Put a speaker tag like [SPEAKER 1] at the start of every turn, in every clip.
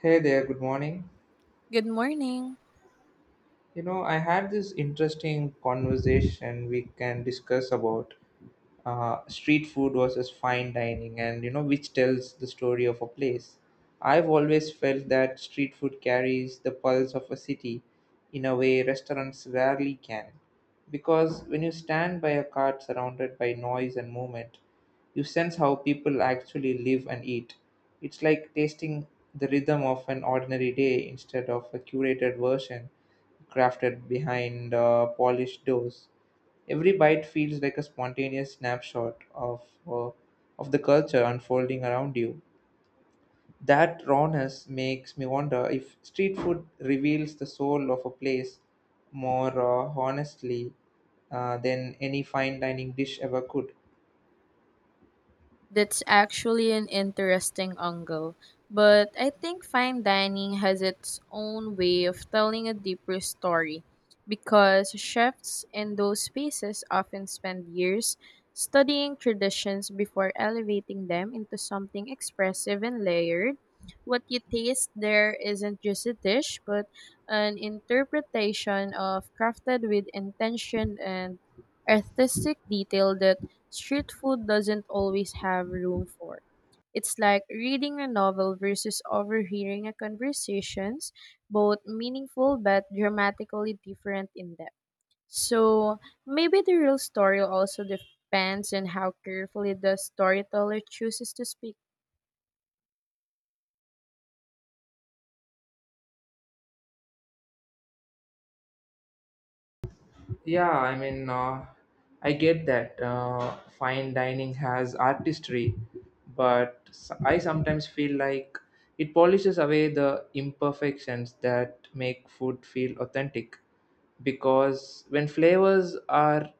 [SPEAKER 1] Hey there, good morning.
[SPEAKER 2] Good morning.
[SPEAKER 1] You know, I had this interesting conversation we can discuss about street food versus fine dining, and you know which tells the story of a place. I've always felt that street food carries the pulse of a city in a way restaurants rarely can, because when you stand by a cart surrounded by noise and movement, you sense how people actually live and eat. It's like tasting the rhythm of an ordinary day instead of a curated version crafted behind polished doors. Every bite feels like a spontaneous snapshot of the culture unfolding around you. That rawness makes me wonder if street food reveals the soul of a place more honestly, than any fine dining dish ever could.
[SPEAKER 2] That's actually an interesting angle, but I think fine dining has its own way of telling a deeper story because chefs in those spaces often spend years studying traditions before elevating them into something expressive and layered. What you taste there isn't just a dish, but an interpretation of crafted with intention and artistic detail that street food doesn't always have room for. It's like reading a novel versus overhearing a conversations, both meaningful but dramatically different in depth. So maybe the real story also depends on how carefully the storyteller chooses to speak.
[SPEAKER 1] Yeah, I mean, I get that fine dining has artistry, but I sometimes feel like it polishes away the imperfections that make food feel authentic. Because when flavors are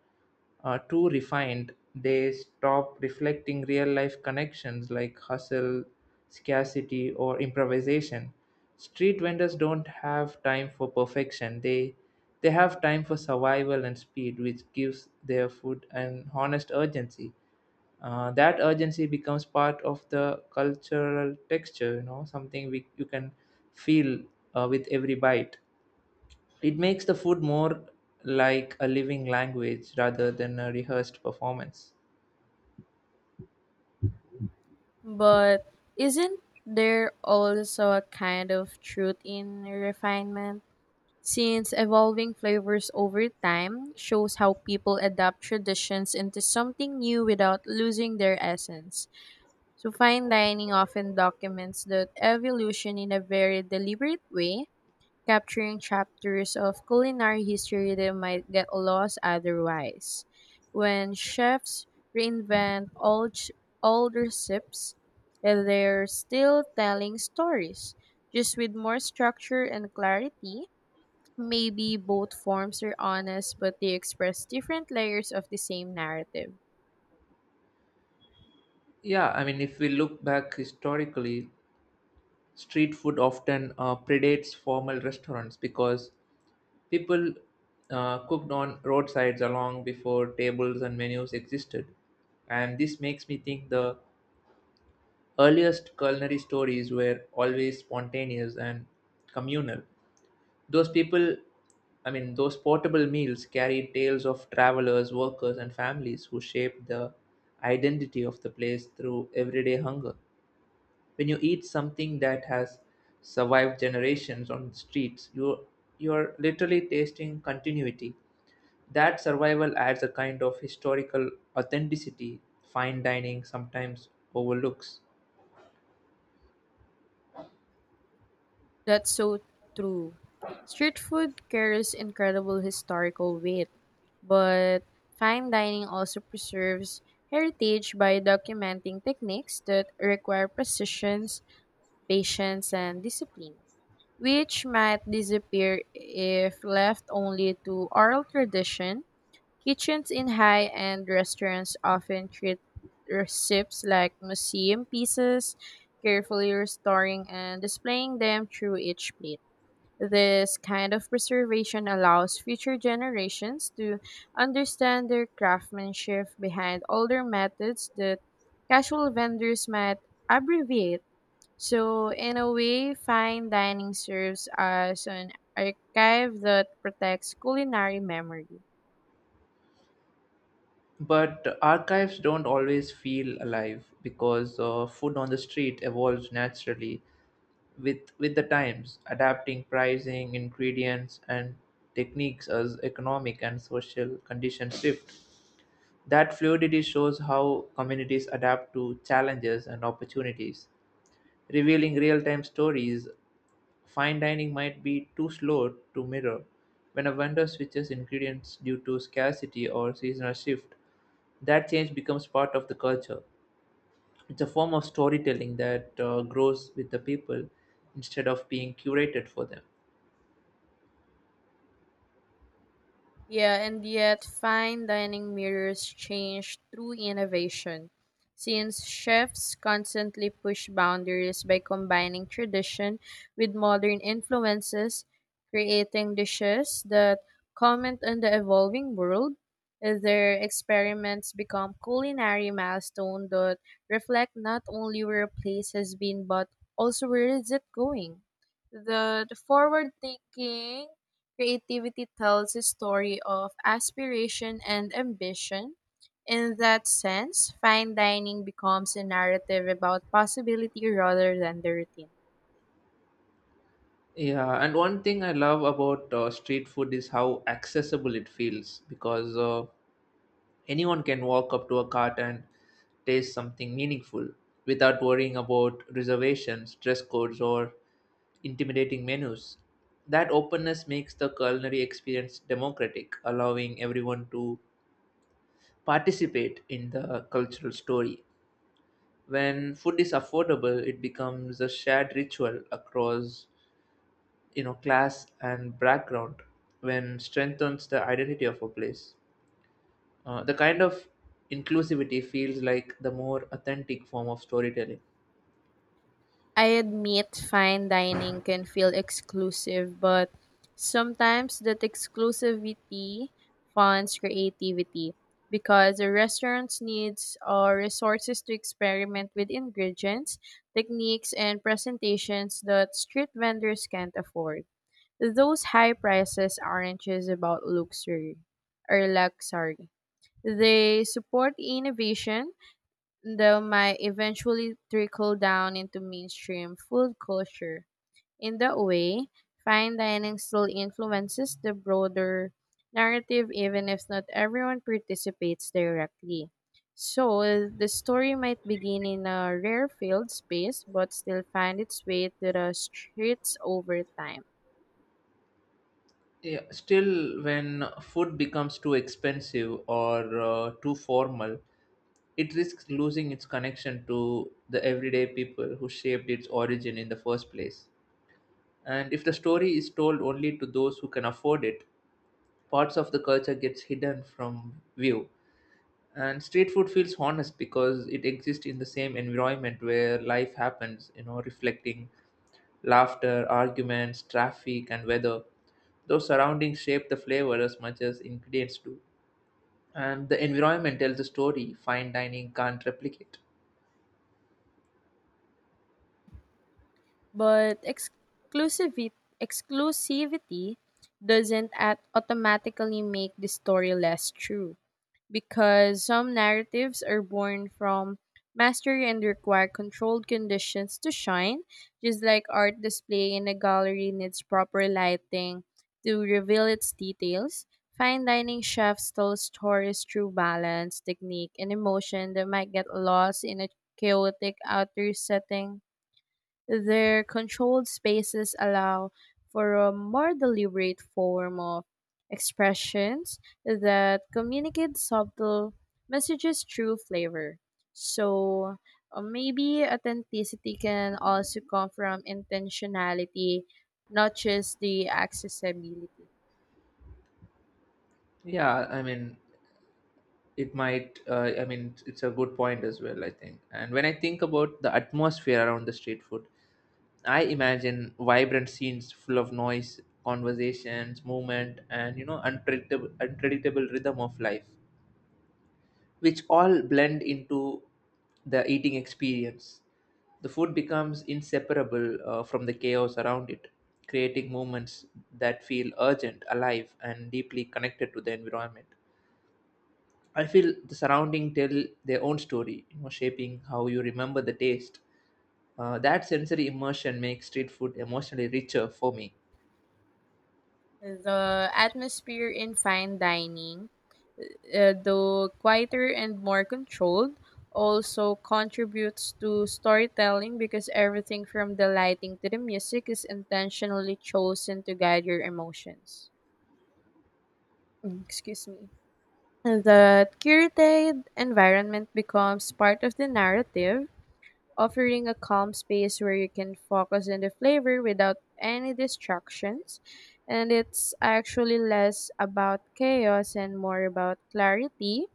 [SPEAKER 1] too refined, they stop reflecting real life connections like hustle, scarcity, or improvisation. Street vendors don't have time for perfection. They have time for survival and speed, which gives their food an honest urgency. That urgency becomes part of the cultural texture, you know, something you can feel with every bite. It makes the food more like a living language rather than a rehearsed performance.
[SPEAKER 2] But isn't there also a kind of truth in refinement, since evolving flavors over time shows how people adapt traditions into something new without losing their essence. So, fine dining often documents that evolution in a very deliberate way, capturing chapters of culinary history that might get lost otherwise. When chefs reinvent old recipes, they're still telling stories, just with more structure and clarity. Maybe both forms are honest, but they express different layers of the same narrative.
[SPEAKER 1] Yeah, I mean, if we look back historically, street food often predates formal restaurants because people cooked on roadsides long before tables and menus existed. And this makes me think the earliest culinary stories were always spontaneous and communal. Those people, I mean, those portable meals carry tales of travelers, workers, and families who shaped the identity of the place through everyday hunger. When you eat something that has survived generations on the streets, you're literally tasting continuity. That survival adds a kind of historical authenticity fine dining sometimes overlooks.
[SPEAKER 2] That's so true. Street food carries incredible historical weight, but fine dining also preserves heritage by documenting techniques that require precision, patience, and discipline, which might disappear if left only to oral tradition. Kitchens in high end restaurants often treat recipes like museum pieces, carefully restoring and displaying them through each plate. This kind of preservation allows future generations to understand their craftsmanship behind older methods that casual vendors might abbreviate. So, in a way, fine dining serves as an archive that protects culinary memory.
[SPEAKER 1] But archives don't always feel alive, because food on the street evolves naturally with the times, adapting pricing, ingredients, and techniques as economic and social conditions shift. That fluidity shows how communities adapt to challenges and opportunities, revealing real-time stories fine dining might be too slow to mirror. When a vendor switches ingredients due to scarcity or seasonal shift, that change becomes part of the culture. It's a form of storytelling that grows with the people instead of being curated for them.
[SPEAKER 2] Yeah, and yet fine dining mirrors change through innovation. Since chefs constantly push boundaries by combining tradition with modern influences, creating dishes that comment on the evolving world, their experiments become culinary milestones that reflect not only where a place has been but also where is it going. The forward thinking creativity tells a story of aspiration and ambition. In that sense, fine dining becomes a narrative about possibility rather than the routine.
[SPEAKER 1] Yeah, and one thing I love about street food is how accessible it feels, because anyone can walk up to a cart and taste something meaningful without worrying about reservations, dress codes, or intimidating menus. That openness makes the culinary experience democratic, allowing everyone to participate in the cultural story. When food is affordable, it becomes a shared ritual across, you know, class and background, when strengthens the identity of a place. The kind of inclusivity feels like the more authentic form of storytelling.
[SPEAKER 2] I admit fine dining can feel exclusive, but sometimes that exclusivity funds creativity because the restaurants needs resources to experiment with ingredients, techniques, and presentations that street vendors can't afford. Those high prices aren't just about luxury or luxury. They support innovation that might eventually trickle down into mainstream food culture. In that way, fine dining still influences the broader narrative even if not everyone participates directly. So, the story might begin in a rare field space but still find its way to the streets over time.
[SPEAKER 1] Yeah, still, when food becomes too expensive or too formal, it risks losing its connection to the everyday people who shaped its origin in the first place. And if the story is told only to those who can afford it, parts of the culture gets hidden from view. And street food feels honest because it exists in the same environment where life happens, you know, reflecting laughter, arguments, traffic, and weather. Those surroundings shape the flavor as much as ingredients do, and the environment tells a story fine dining can't replicate.
[SPEAKER 2] But exclusivity doesn't automatically make the story less true, because some narratives are born from mastery and require controlled conditions to shine, just like art display in a gallery needs proper lighting to reveal its details. Fine dining chefs tell stories through balance, technique, and emotion that might get lost in a chaotic outer setting. Their controlled spaces allow for a more deliberate form of expressions that communicate subtle messages through flavor. So maybe authenticity can also come from intentionality, not just the accessibility.
[SPEAKER 1] Yeah, I mean, it might, it's a good point as well, I think. And when I think about the atmosphere around the street food, I imagine vibrant scenes full of noise, conversations, movement, and, you know, unpredictable rhythm of life, which all blend into the eating experience. The food becomes inseparable from the chaos around it, creating moments that feel urgent, alive, and deeply connected to the environment. I feel the surrounding tell their own story, you know, shaping how you remember the taste. That sensory immersion makes street food emotionally richer for me.
[SPEAKER 2] The atmosphere in fine dining, though quieter and more controlled, also contributes to storytelling because everything from the lighting to the music is intentionally chosen to guide your emotions. Mm, excuse me. The curated environment becomes part of the narrative, offering a calm space where you can focus on the flavor without any distractions. And it's actually less about chaos and more about clarity,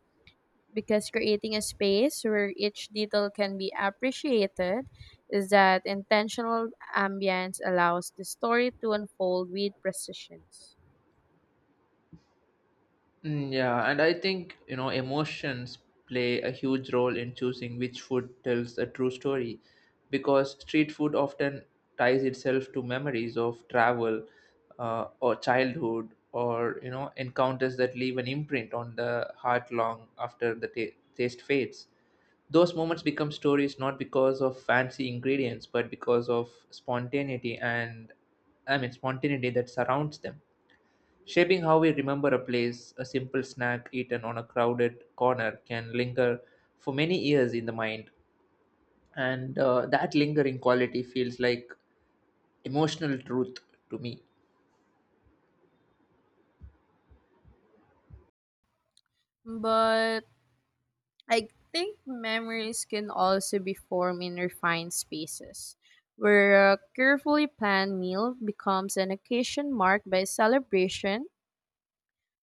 [SPEAKER 2] because creating a space where each detail can be appreciated is that intentional ambience allows the story to unfold with precision.
[SPEAKER 1] Mm, yeah, and I think, you know, emotions play a huge role in choosing which food tells a true story, because street food often ties itself to memories of travel or childhood, or, you know, encounters that leave an imprint on the heart long after the ta taste fades. Those moments become stories not because of fancy ingredients but because of spontaneity and, I mean, spontaneity that surrounds them, shaping how we remember a place. A simple snack eaten on a crowded corner can linger for many years in the mind, and that lingering quality feels like emotional truth to me.
[SPEAKER 2] But I think memories can also be formed in refined spaces, where a carefully planned meal becomes an occasion marked by celebration,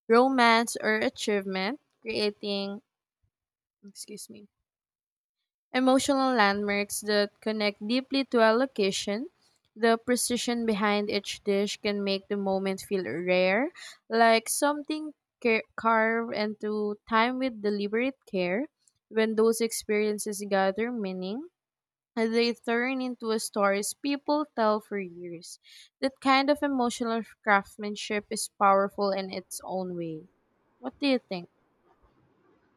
[SPEAKER 2] romance, or achievement, creating, excuse me, emotional landmarks that connect deeply to a location. The precision behind each dish can make the moment feel rare, like something carved into time with deliberate care. When those experiences gather meaning, they turn into a stories people tell for years. That kind of emotional craftsmanship is powerful in its own way. What do you think?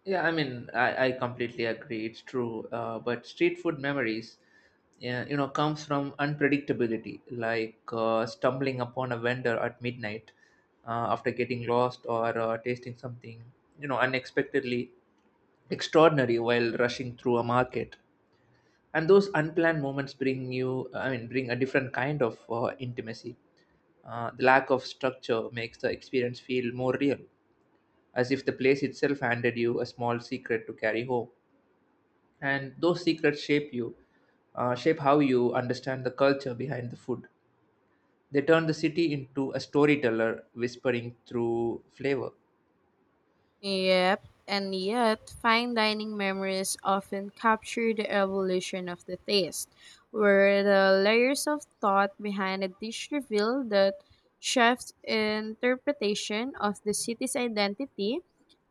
[SPEAKER 1] Yeah, I mean, I completely agree. It's true. But street food memories, yeah, you know, comes from unpredictability, like stumbling upon a vendor at midnight after getting lost, or tasting something, you know, unexpectedly extraordinary while rushing through a market. And those unplanned moments bring you I mean bring a different kind of intimacy. The lack of structure makes the experience feel more real, as if the place itself handed you a small secret to carry home. And those secrets shape you, shape how you understand the culture behind the food. They turn the city into a storyteller whispering through flavor.
[SPEAKER 2] Yep, and yet fine dining memories often capture the evolution of the taste, where the layers of thought behind a dish reveal that chef's interpretation of the city's identity,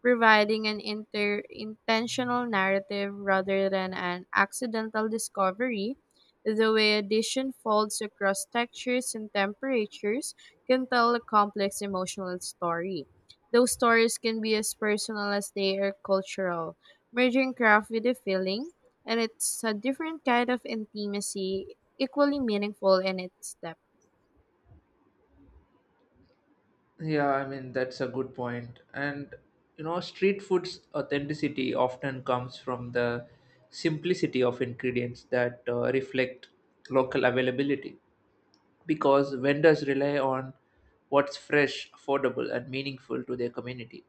[SPEAKER 2] providing an intentional narrative rather than an accidental discovery. The way a dish unfolds across textures and temperatures can tell a complex emotional story. Those stories can be as personal as they are cultural, merging craft with a feeling, and it's a different kind of intimacy, equally meaningful in its depth.
[SPEAKER 1] Yeah, I mean, that's a good point. And, you know, street food's authenticity often comes from the simplicity of ingredients that reflect local availability, because vendors rely on what's fresh, affordable, and meaningful to their community,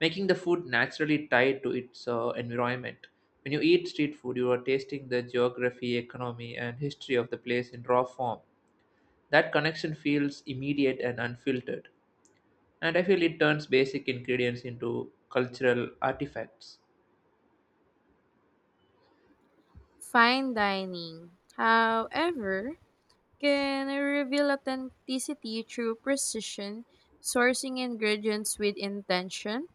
[SPEAKER 1] making the food naturally tied to its environment. When you eat street food, you are tasting the geography, economy, and history of the place in raw form. That connection feels immediate and unfiltered, and I feel it turns basic ingredients into cultural artifacts.
[SPEAKER 2] Fine dining, however, can reveal authenticity through precision, sourcing ingredients with intention,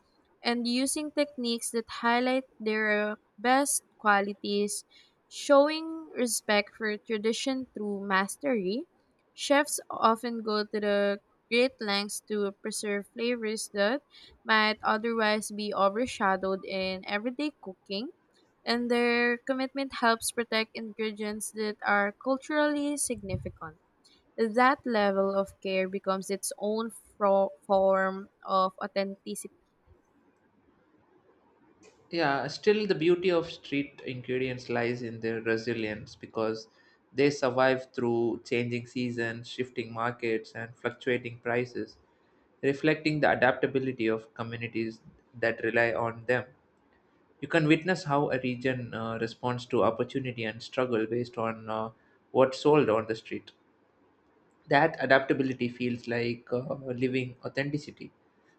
[SPEAKER 2] and using techniques that highlight their best qualities, showing respect for tradition through mastery. Chefs often go to the great lengths to preserve flavors that might otherwise be overshadowed in everyday cooking, and their commitment helps protect ingredients that are culturally significant. That level of care becomes its own form of authenticity.
[SPEAKER 1] Yeah, still, the beauty of street ingredients lies in their resilience, because they survive through changing seasons, shifting markets, and fluctuating prices, reflecting the adaptability of communities that rely on them. You can witness how a region responds to opportunity and struggle based on what's sold on the street. That adaptability feels like living authenticity,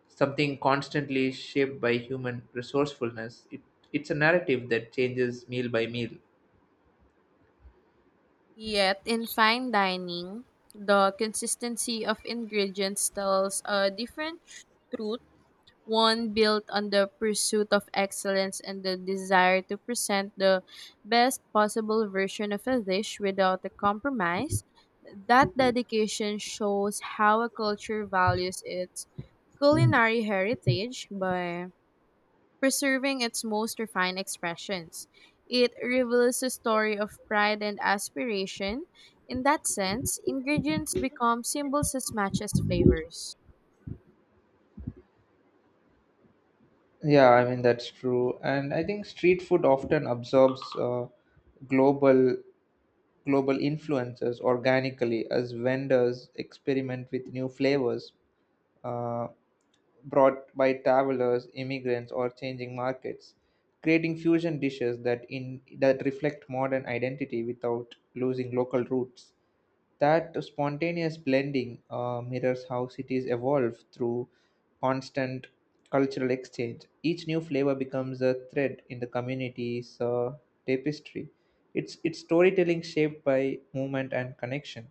[SPEAKER 1] something constantly shaped by human resourcefulness. It's a narrative that changes meal by meal.
[SPEAKER 2] Yet, in fine dining, the consistency of ingredients tells a different truth, one built on the pursuit of excellence and the desire to present the best possible version of a dish without a compromise. That dedication shows how a culture values its culinary heritage by preserving its most refined expressions. It reveals a story of pride and aspiration. In that sense, ingredients become symbols as much as flavors.
[SPEAKER 1] Yeah, I mean, that's true, and I think street food often absorbs global global influences organically, as vendors experiment with new flavors Uh, brought by travelers, immigrants, or changing markets, creating fusion dishes that in that reflect modern identity without losing local roots. That spontaneous blending mirrors how cities evolve through constant cultural exchange. Each new flavor becomes a thread in the community's tapestry. It's storytelling shaped by movement and connection.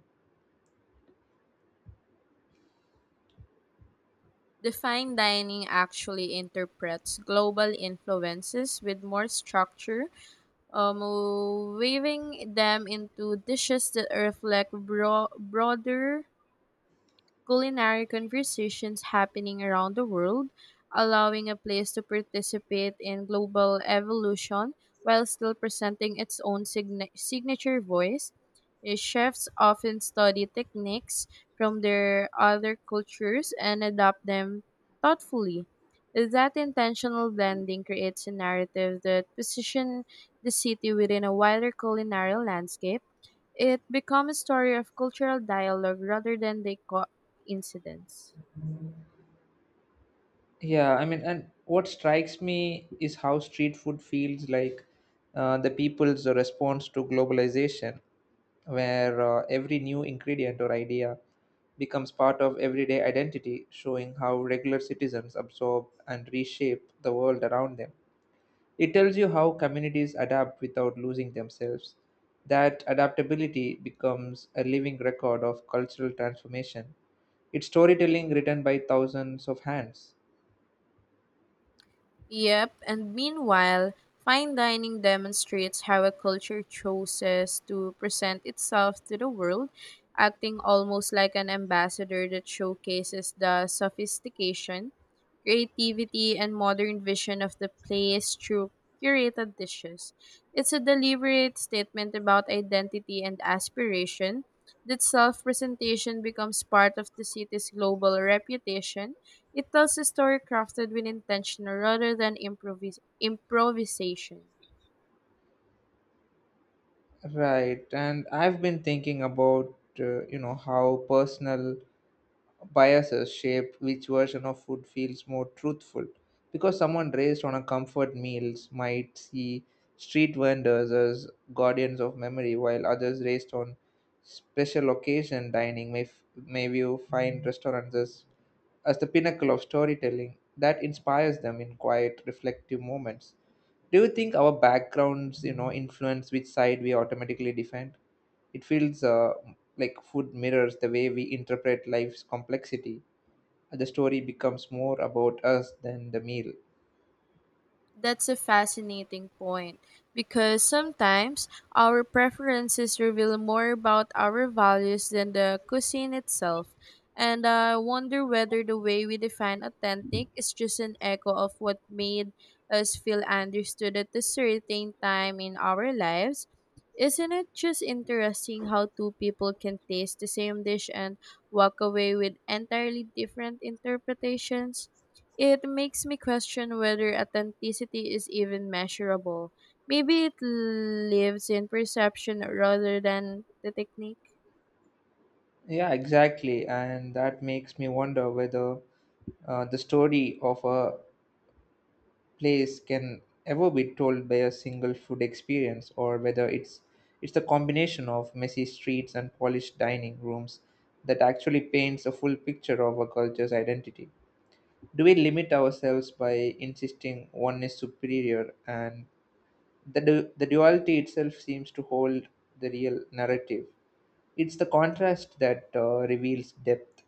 [SPEAKER 2] The fine dining actually interprets global influences with more structure, um, weaving them into dishes that reflect broader culinary conversations happening around the world, allowing a place to participate in global evolution while still presenting its own signature voice. Chefs often study techniques from their other cultures and adopt them thoughtfully. That intentional blending creates a narrative that positions the city within a wider culinary landscape. It becomes a story of cultural dialogue rather than the coincidence.
[SPEAKER 1] Yeah, I mean, and what strikes me is how street food feels like the people's response to globalization, where every new ingredient or idea becomes part of everyday identity, showing how regular citizens absorb and reshape the world around them. It tells you how communities adapt without losing themselves. That adaptability becomes a living record of cultural transformation. It's storytelling written by thousands of hands.
[SPEAKER 2] Yep, and meanwhile, fine dining demonstrates how a culture chooses to present itself to the world, acting almost like an ambassador that showcases the sophistication, creativity, and modern vision of the place through curated dishes. It's a deliberate statement about identity and aspiration. That self presentation becomes part of the city's global reputation. It tells a story crafted with intention rather than improvisation.
[SPEAKER 1] Right, and I've been thinking about you know, how personal biases shape which version of food feels more truthful, because someone raised on a comfort meals might see street vendors as guardians of memory, while others raised on special occasion dining may view fine restaurants as the pinnacle of storytelling that inspires them in quiet, reflective moments. Do you think our backgrounds, you know, influence which side we automatically defend? It feels like food mirrors the way we interpret life's complexity. The story becomes more about us than the meal.
[SPEAKER 2] That's a fascinating point, because sometimes our preferences reveal more about our values than the cuisine itself. And I wonder whether the way we define authentic is just an echo of what made us feel understood at a certain time in our lives. Isn't it just interesting how two people can taste the same dish and walk away with entirely different interpretations? It makes me question whether authenticity is even measurable. Maybe it lives in perception rather than the technique.
[SPEAKER 1] Yeah, exactly. And that makes me wonder whether the story of a place can ever be told by a single food experience, or whether it's the combination of messy streets and polished dining rooms that actually paints a full picture of a culture's identity. Do we limit ourselves by insisting one is superior? And the duality itself seems to hold the real narrative. It's the contrast that reveals depth.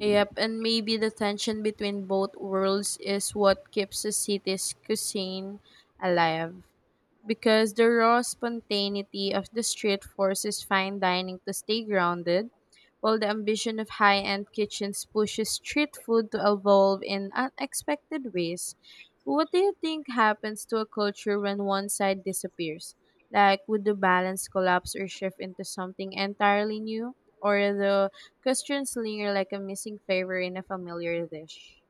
[SPEAKER 2] Yep, and maybe the tension between both worlds is what keeps the city's cuisine alive, because the raw spontaneity of the street forces fine dining to stay grounded, while the ambition of high end kitchens pushes street food to evolve in unexpected ways. What do you think happens to a culture when one side disappears? Like, would the balance collapse or shift into something entirely new? Or the questions linger like a missing flavor in a familiar dish.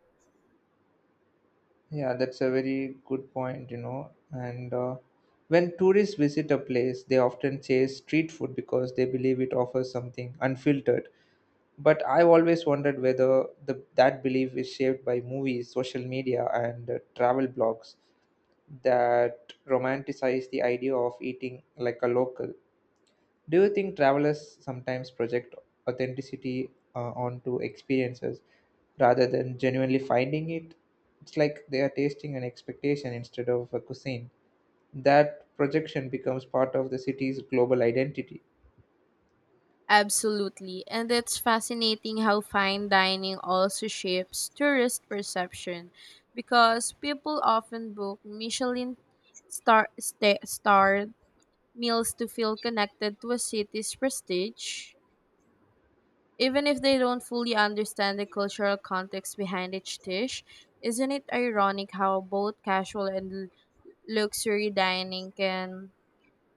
[SPEAKER 1] Yeah, that's a very good point, you know. And when tourists visit a place, they often chase street food because they believe it offers something unfiltered. But I've always wondered whether that belief is shaped by movies, social media, and travel blogs that romanticize the idea of eating like a local. Do you think travelers sometimes project authenticity onto experiences rather than genuinely finding it? It's like they are tasting an expectation instead of a cuisine. That projection becomes part of the city's global identity.
[SPEAKER 2] Absolutely, and it's fascinating how fine dining also shapes tourist perception because people often book Michelin star starred meals to feel connected to a city's prestige, even if they don't fully understand the cultural context behind each dish. Isn't it ironic how both casual and luxury dining can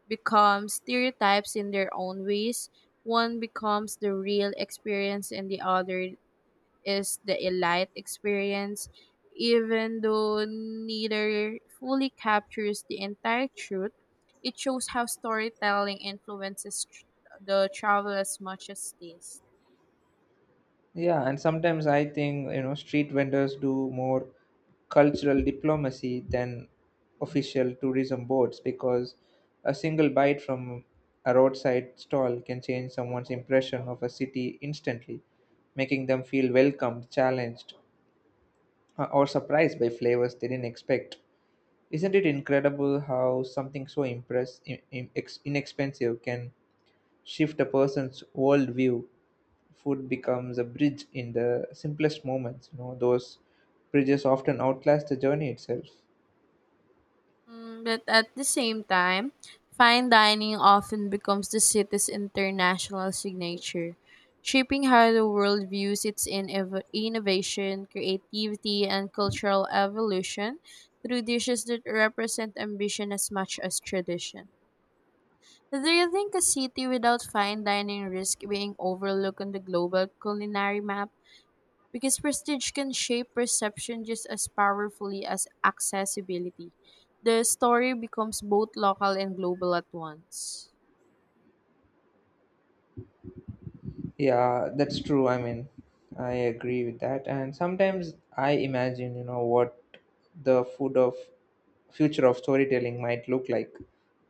[SPEAKER 2] become stereotypes in their own ways? One becomes the real experience, and the other is the elite experience, even though neither fully captures the entire truth. It shows how storytelling influences the travel as much as taste.
[SPEAKER 1] Yeah, and sometimes I think, you know, street vendors do more cultural diplomacy than official tourism boards, because a single bite from a roadside stall can change someone's impression of a city instantly, making them feel welcomed, challenged, or surprised by flavors they didn't expect. Isn't it incredible how something so impress, in- ex- inexpensive can shift a person's worldview? Food becomes a bridge in the simplest moments, you know. Those bridges often outlast the journey itself.
[SPEAKER 2] But at the same time, fine dining often becomes the city's international signature, shaping how the world views its innovation, creativity, and cultural evolution through dishes that represent ambition as much as tradition. Do you think a city without fine dining risks being overlooked on the global culinary map, because prestige can shape perception just as powerfully as accessibility? The story becomes both local and global at once.
[SPEAKER 1] Yeah, that's true. I mean, I agree with that. And sometimes I imagine, you know, what the food of future of storytelling might look like.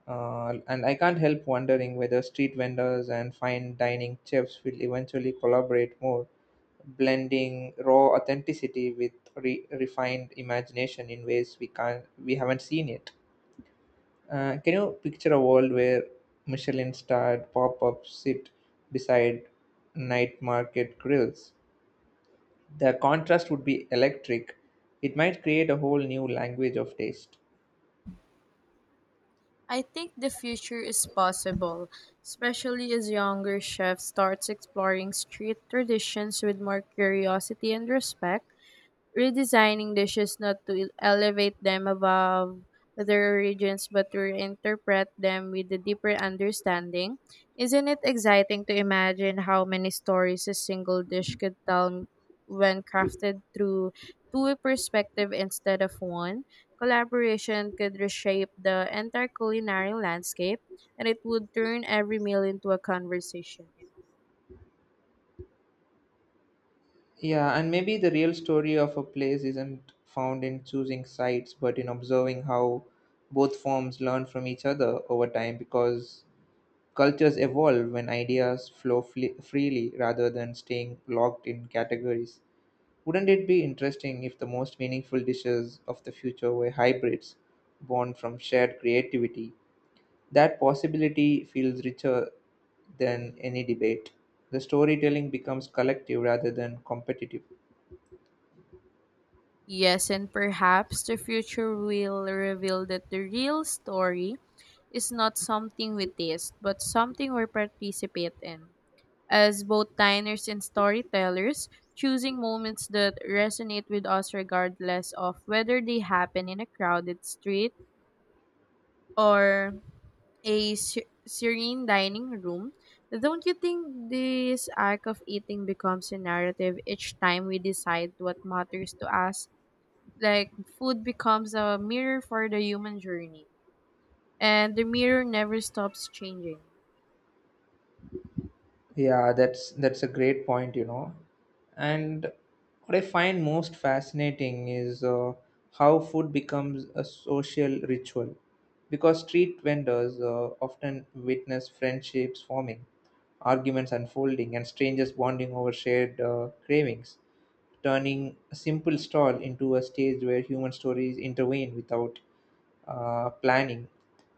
[SPEAKER 1] And I can't help wondering whether street vendors and fine dining chefs will eventually collaborate more, blending raw authenticity with refined imagination in ways we haven't seen yet. Can you picture a world where Michelin starred pop ups sit beside night market grills? The contrast would be electric. It might create a whole new language of taste.
[SPEAKER 2] I think the future is possible, especially as younger chefs starts exploring street traditions with more curiosity and respect, redesigning dishes not to elevate them above their origins but to reinterpret them with a deeper understanding. Isn't it exciting to imagine how many stories a single dish could tell when crafted through two a perspective instead of one? Collaboration could reshape the entire culinary landscape, and it would turn every meal into a conversation.
[SPEAKER 1] Yeah, and maybe the real story of a place isn't found in choosing sites, but in observing how both forms learn from each other over time, because cultures evolve when ideas flow freely rather than staying locked in categories. Wouldn't it be interesting if the most meaningful dishes of the future were hybrids, born from shared creativity? That possibility feels richer than any debate. The storytelling becomes collective rather than competitive.
[SPEAKER 2] Yes, and perhaps the future will reveal that the real story is not something we taste, but something we participate in. As both diners and storytellers, choosing moments that resonate with us regardless of whether they happen in a crowded street or a serene dining room. Don't you think this act of eating becomes a narrative each time we decide what matters to us? Like, food becomes a mirror for the human journey, and the mirror never stops changing.
[SPEAKER 1] Yeah, that's a great point, you know. And what I find most fascinating is how food becomes a social ritual, because street vendors often witness friendships forming, arguments unfolding, and strangers bonding over shared cravings, turning a simple stall into a stage where human stories intervene without planning,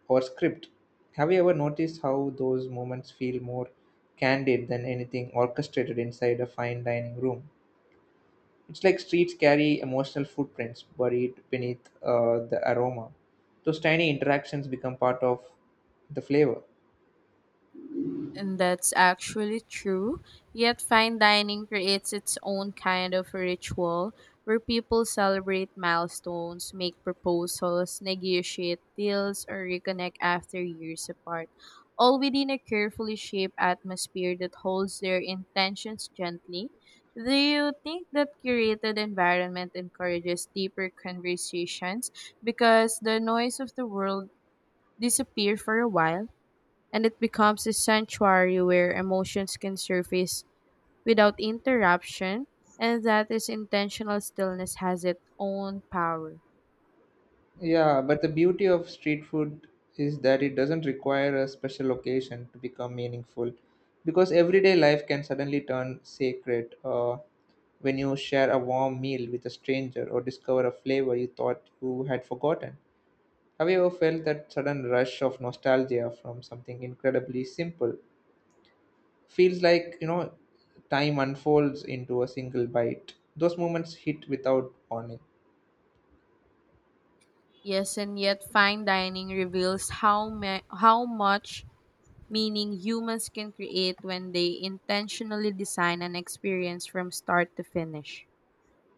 [SPEAKER 1] or script. Have you ever noticed how those moments feel more candid than anything orchestrated inside a fine dining room? It's like streets carry emotional footprints buried beneath the aroma. Those tiny interactions become part of the flavor.
[SPEAKER 2] And that's actually true. Yet, fine dining creates its own kind of ritual where people celebrate milestones, make proposals, negotiate deals, or reconnect after years apart, all within a carefully shaped atmosphere that holds their intentions gently. Do you think that curated environment encourages deeper conversations because the noise of the world disappear for a while? And it becomes a sanctuary where emotions can surface without interruption, and that is intentional stillness has its own power.
[SPEAKER 1] Yeah, but the beauty of street food is that it doesn't require a special occasion to become meaningful, because everyday life can suddenly turn sacred when you share a warm meal with a stranger or discover a flavor you thought you had forgotten. Have you ever felt that sudden rush of nostalgia from something incredibly simple? Feels like, you know, time unfolds into a single bite. Those moments hit without warning.
[SPEAKER 2] Yes, and yet fine dining reveals how how much meaning humans can create when they intentionally design an experience from start to finish.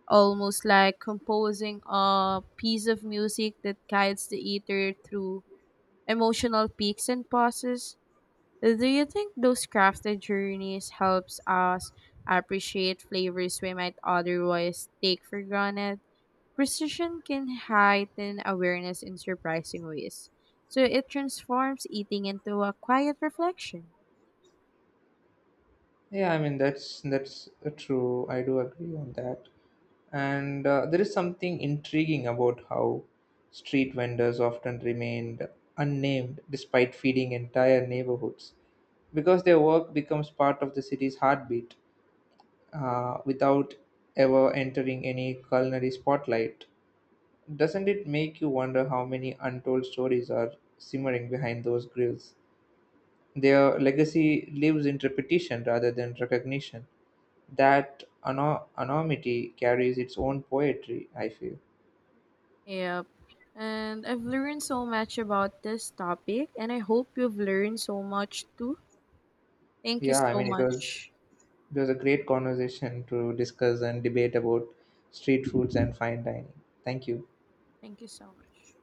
[SPEAKER 2] Almost like composing a piece of music that guides the eater through emotional peaks and pauses. Do you think those crafted journeys helps us appreciate flavors we might otherwise take for granted? Precision can heighten awareness in surprising ways. So it transforms eating into a quiet reflection.
[SPEAKER 1] Yeah, I mean, that's true. I do agree on that. And there is something intriguing about how street vendors often remained unnamed despite feeding entire neighborhoods, because their work becomes part of the city's heartbeat without ever entering any culinary spotlight. Doesn't it make you wonder how many untold stories are simmering behind those grills? Their legacy lives in repetition rather than recognition. That anonymity carries its own poetry, I feel.
[SPEAKER 2] Yep. And I've learned so much about this topic and I hope you've learned so much too. Thank you
[SPEAKER 1] Yeah, I
[SPEAKER 2] so
[SPEAKER 1] mean,
[SPEAKER 2] much.
[SPEAKER 1] it was a great conversation to discuss and debate about street foods and fine dining. Thank you.
[SPEAKER 2] Thank you so much.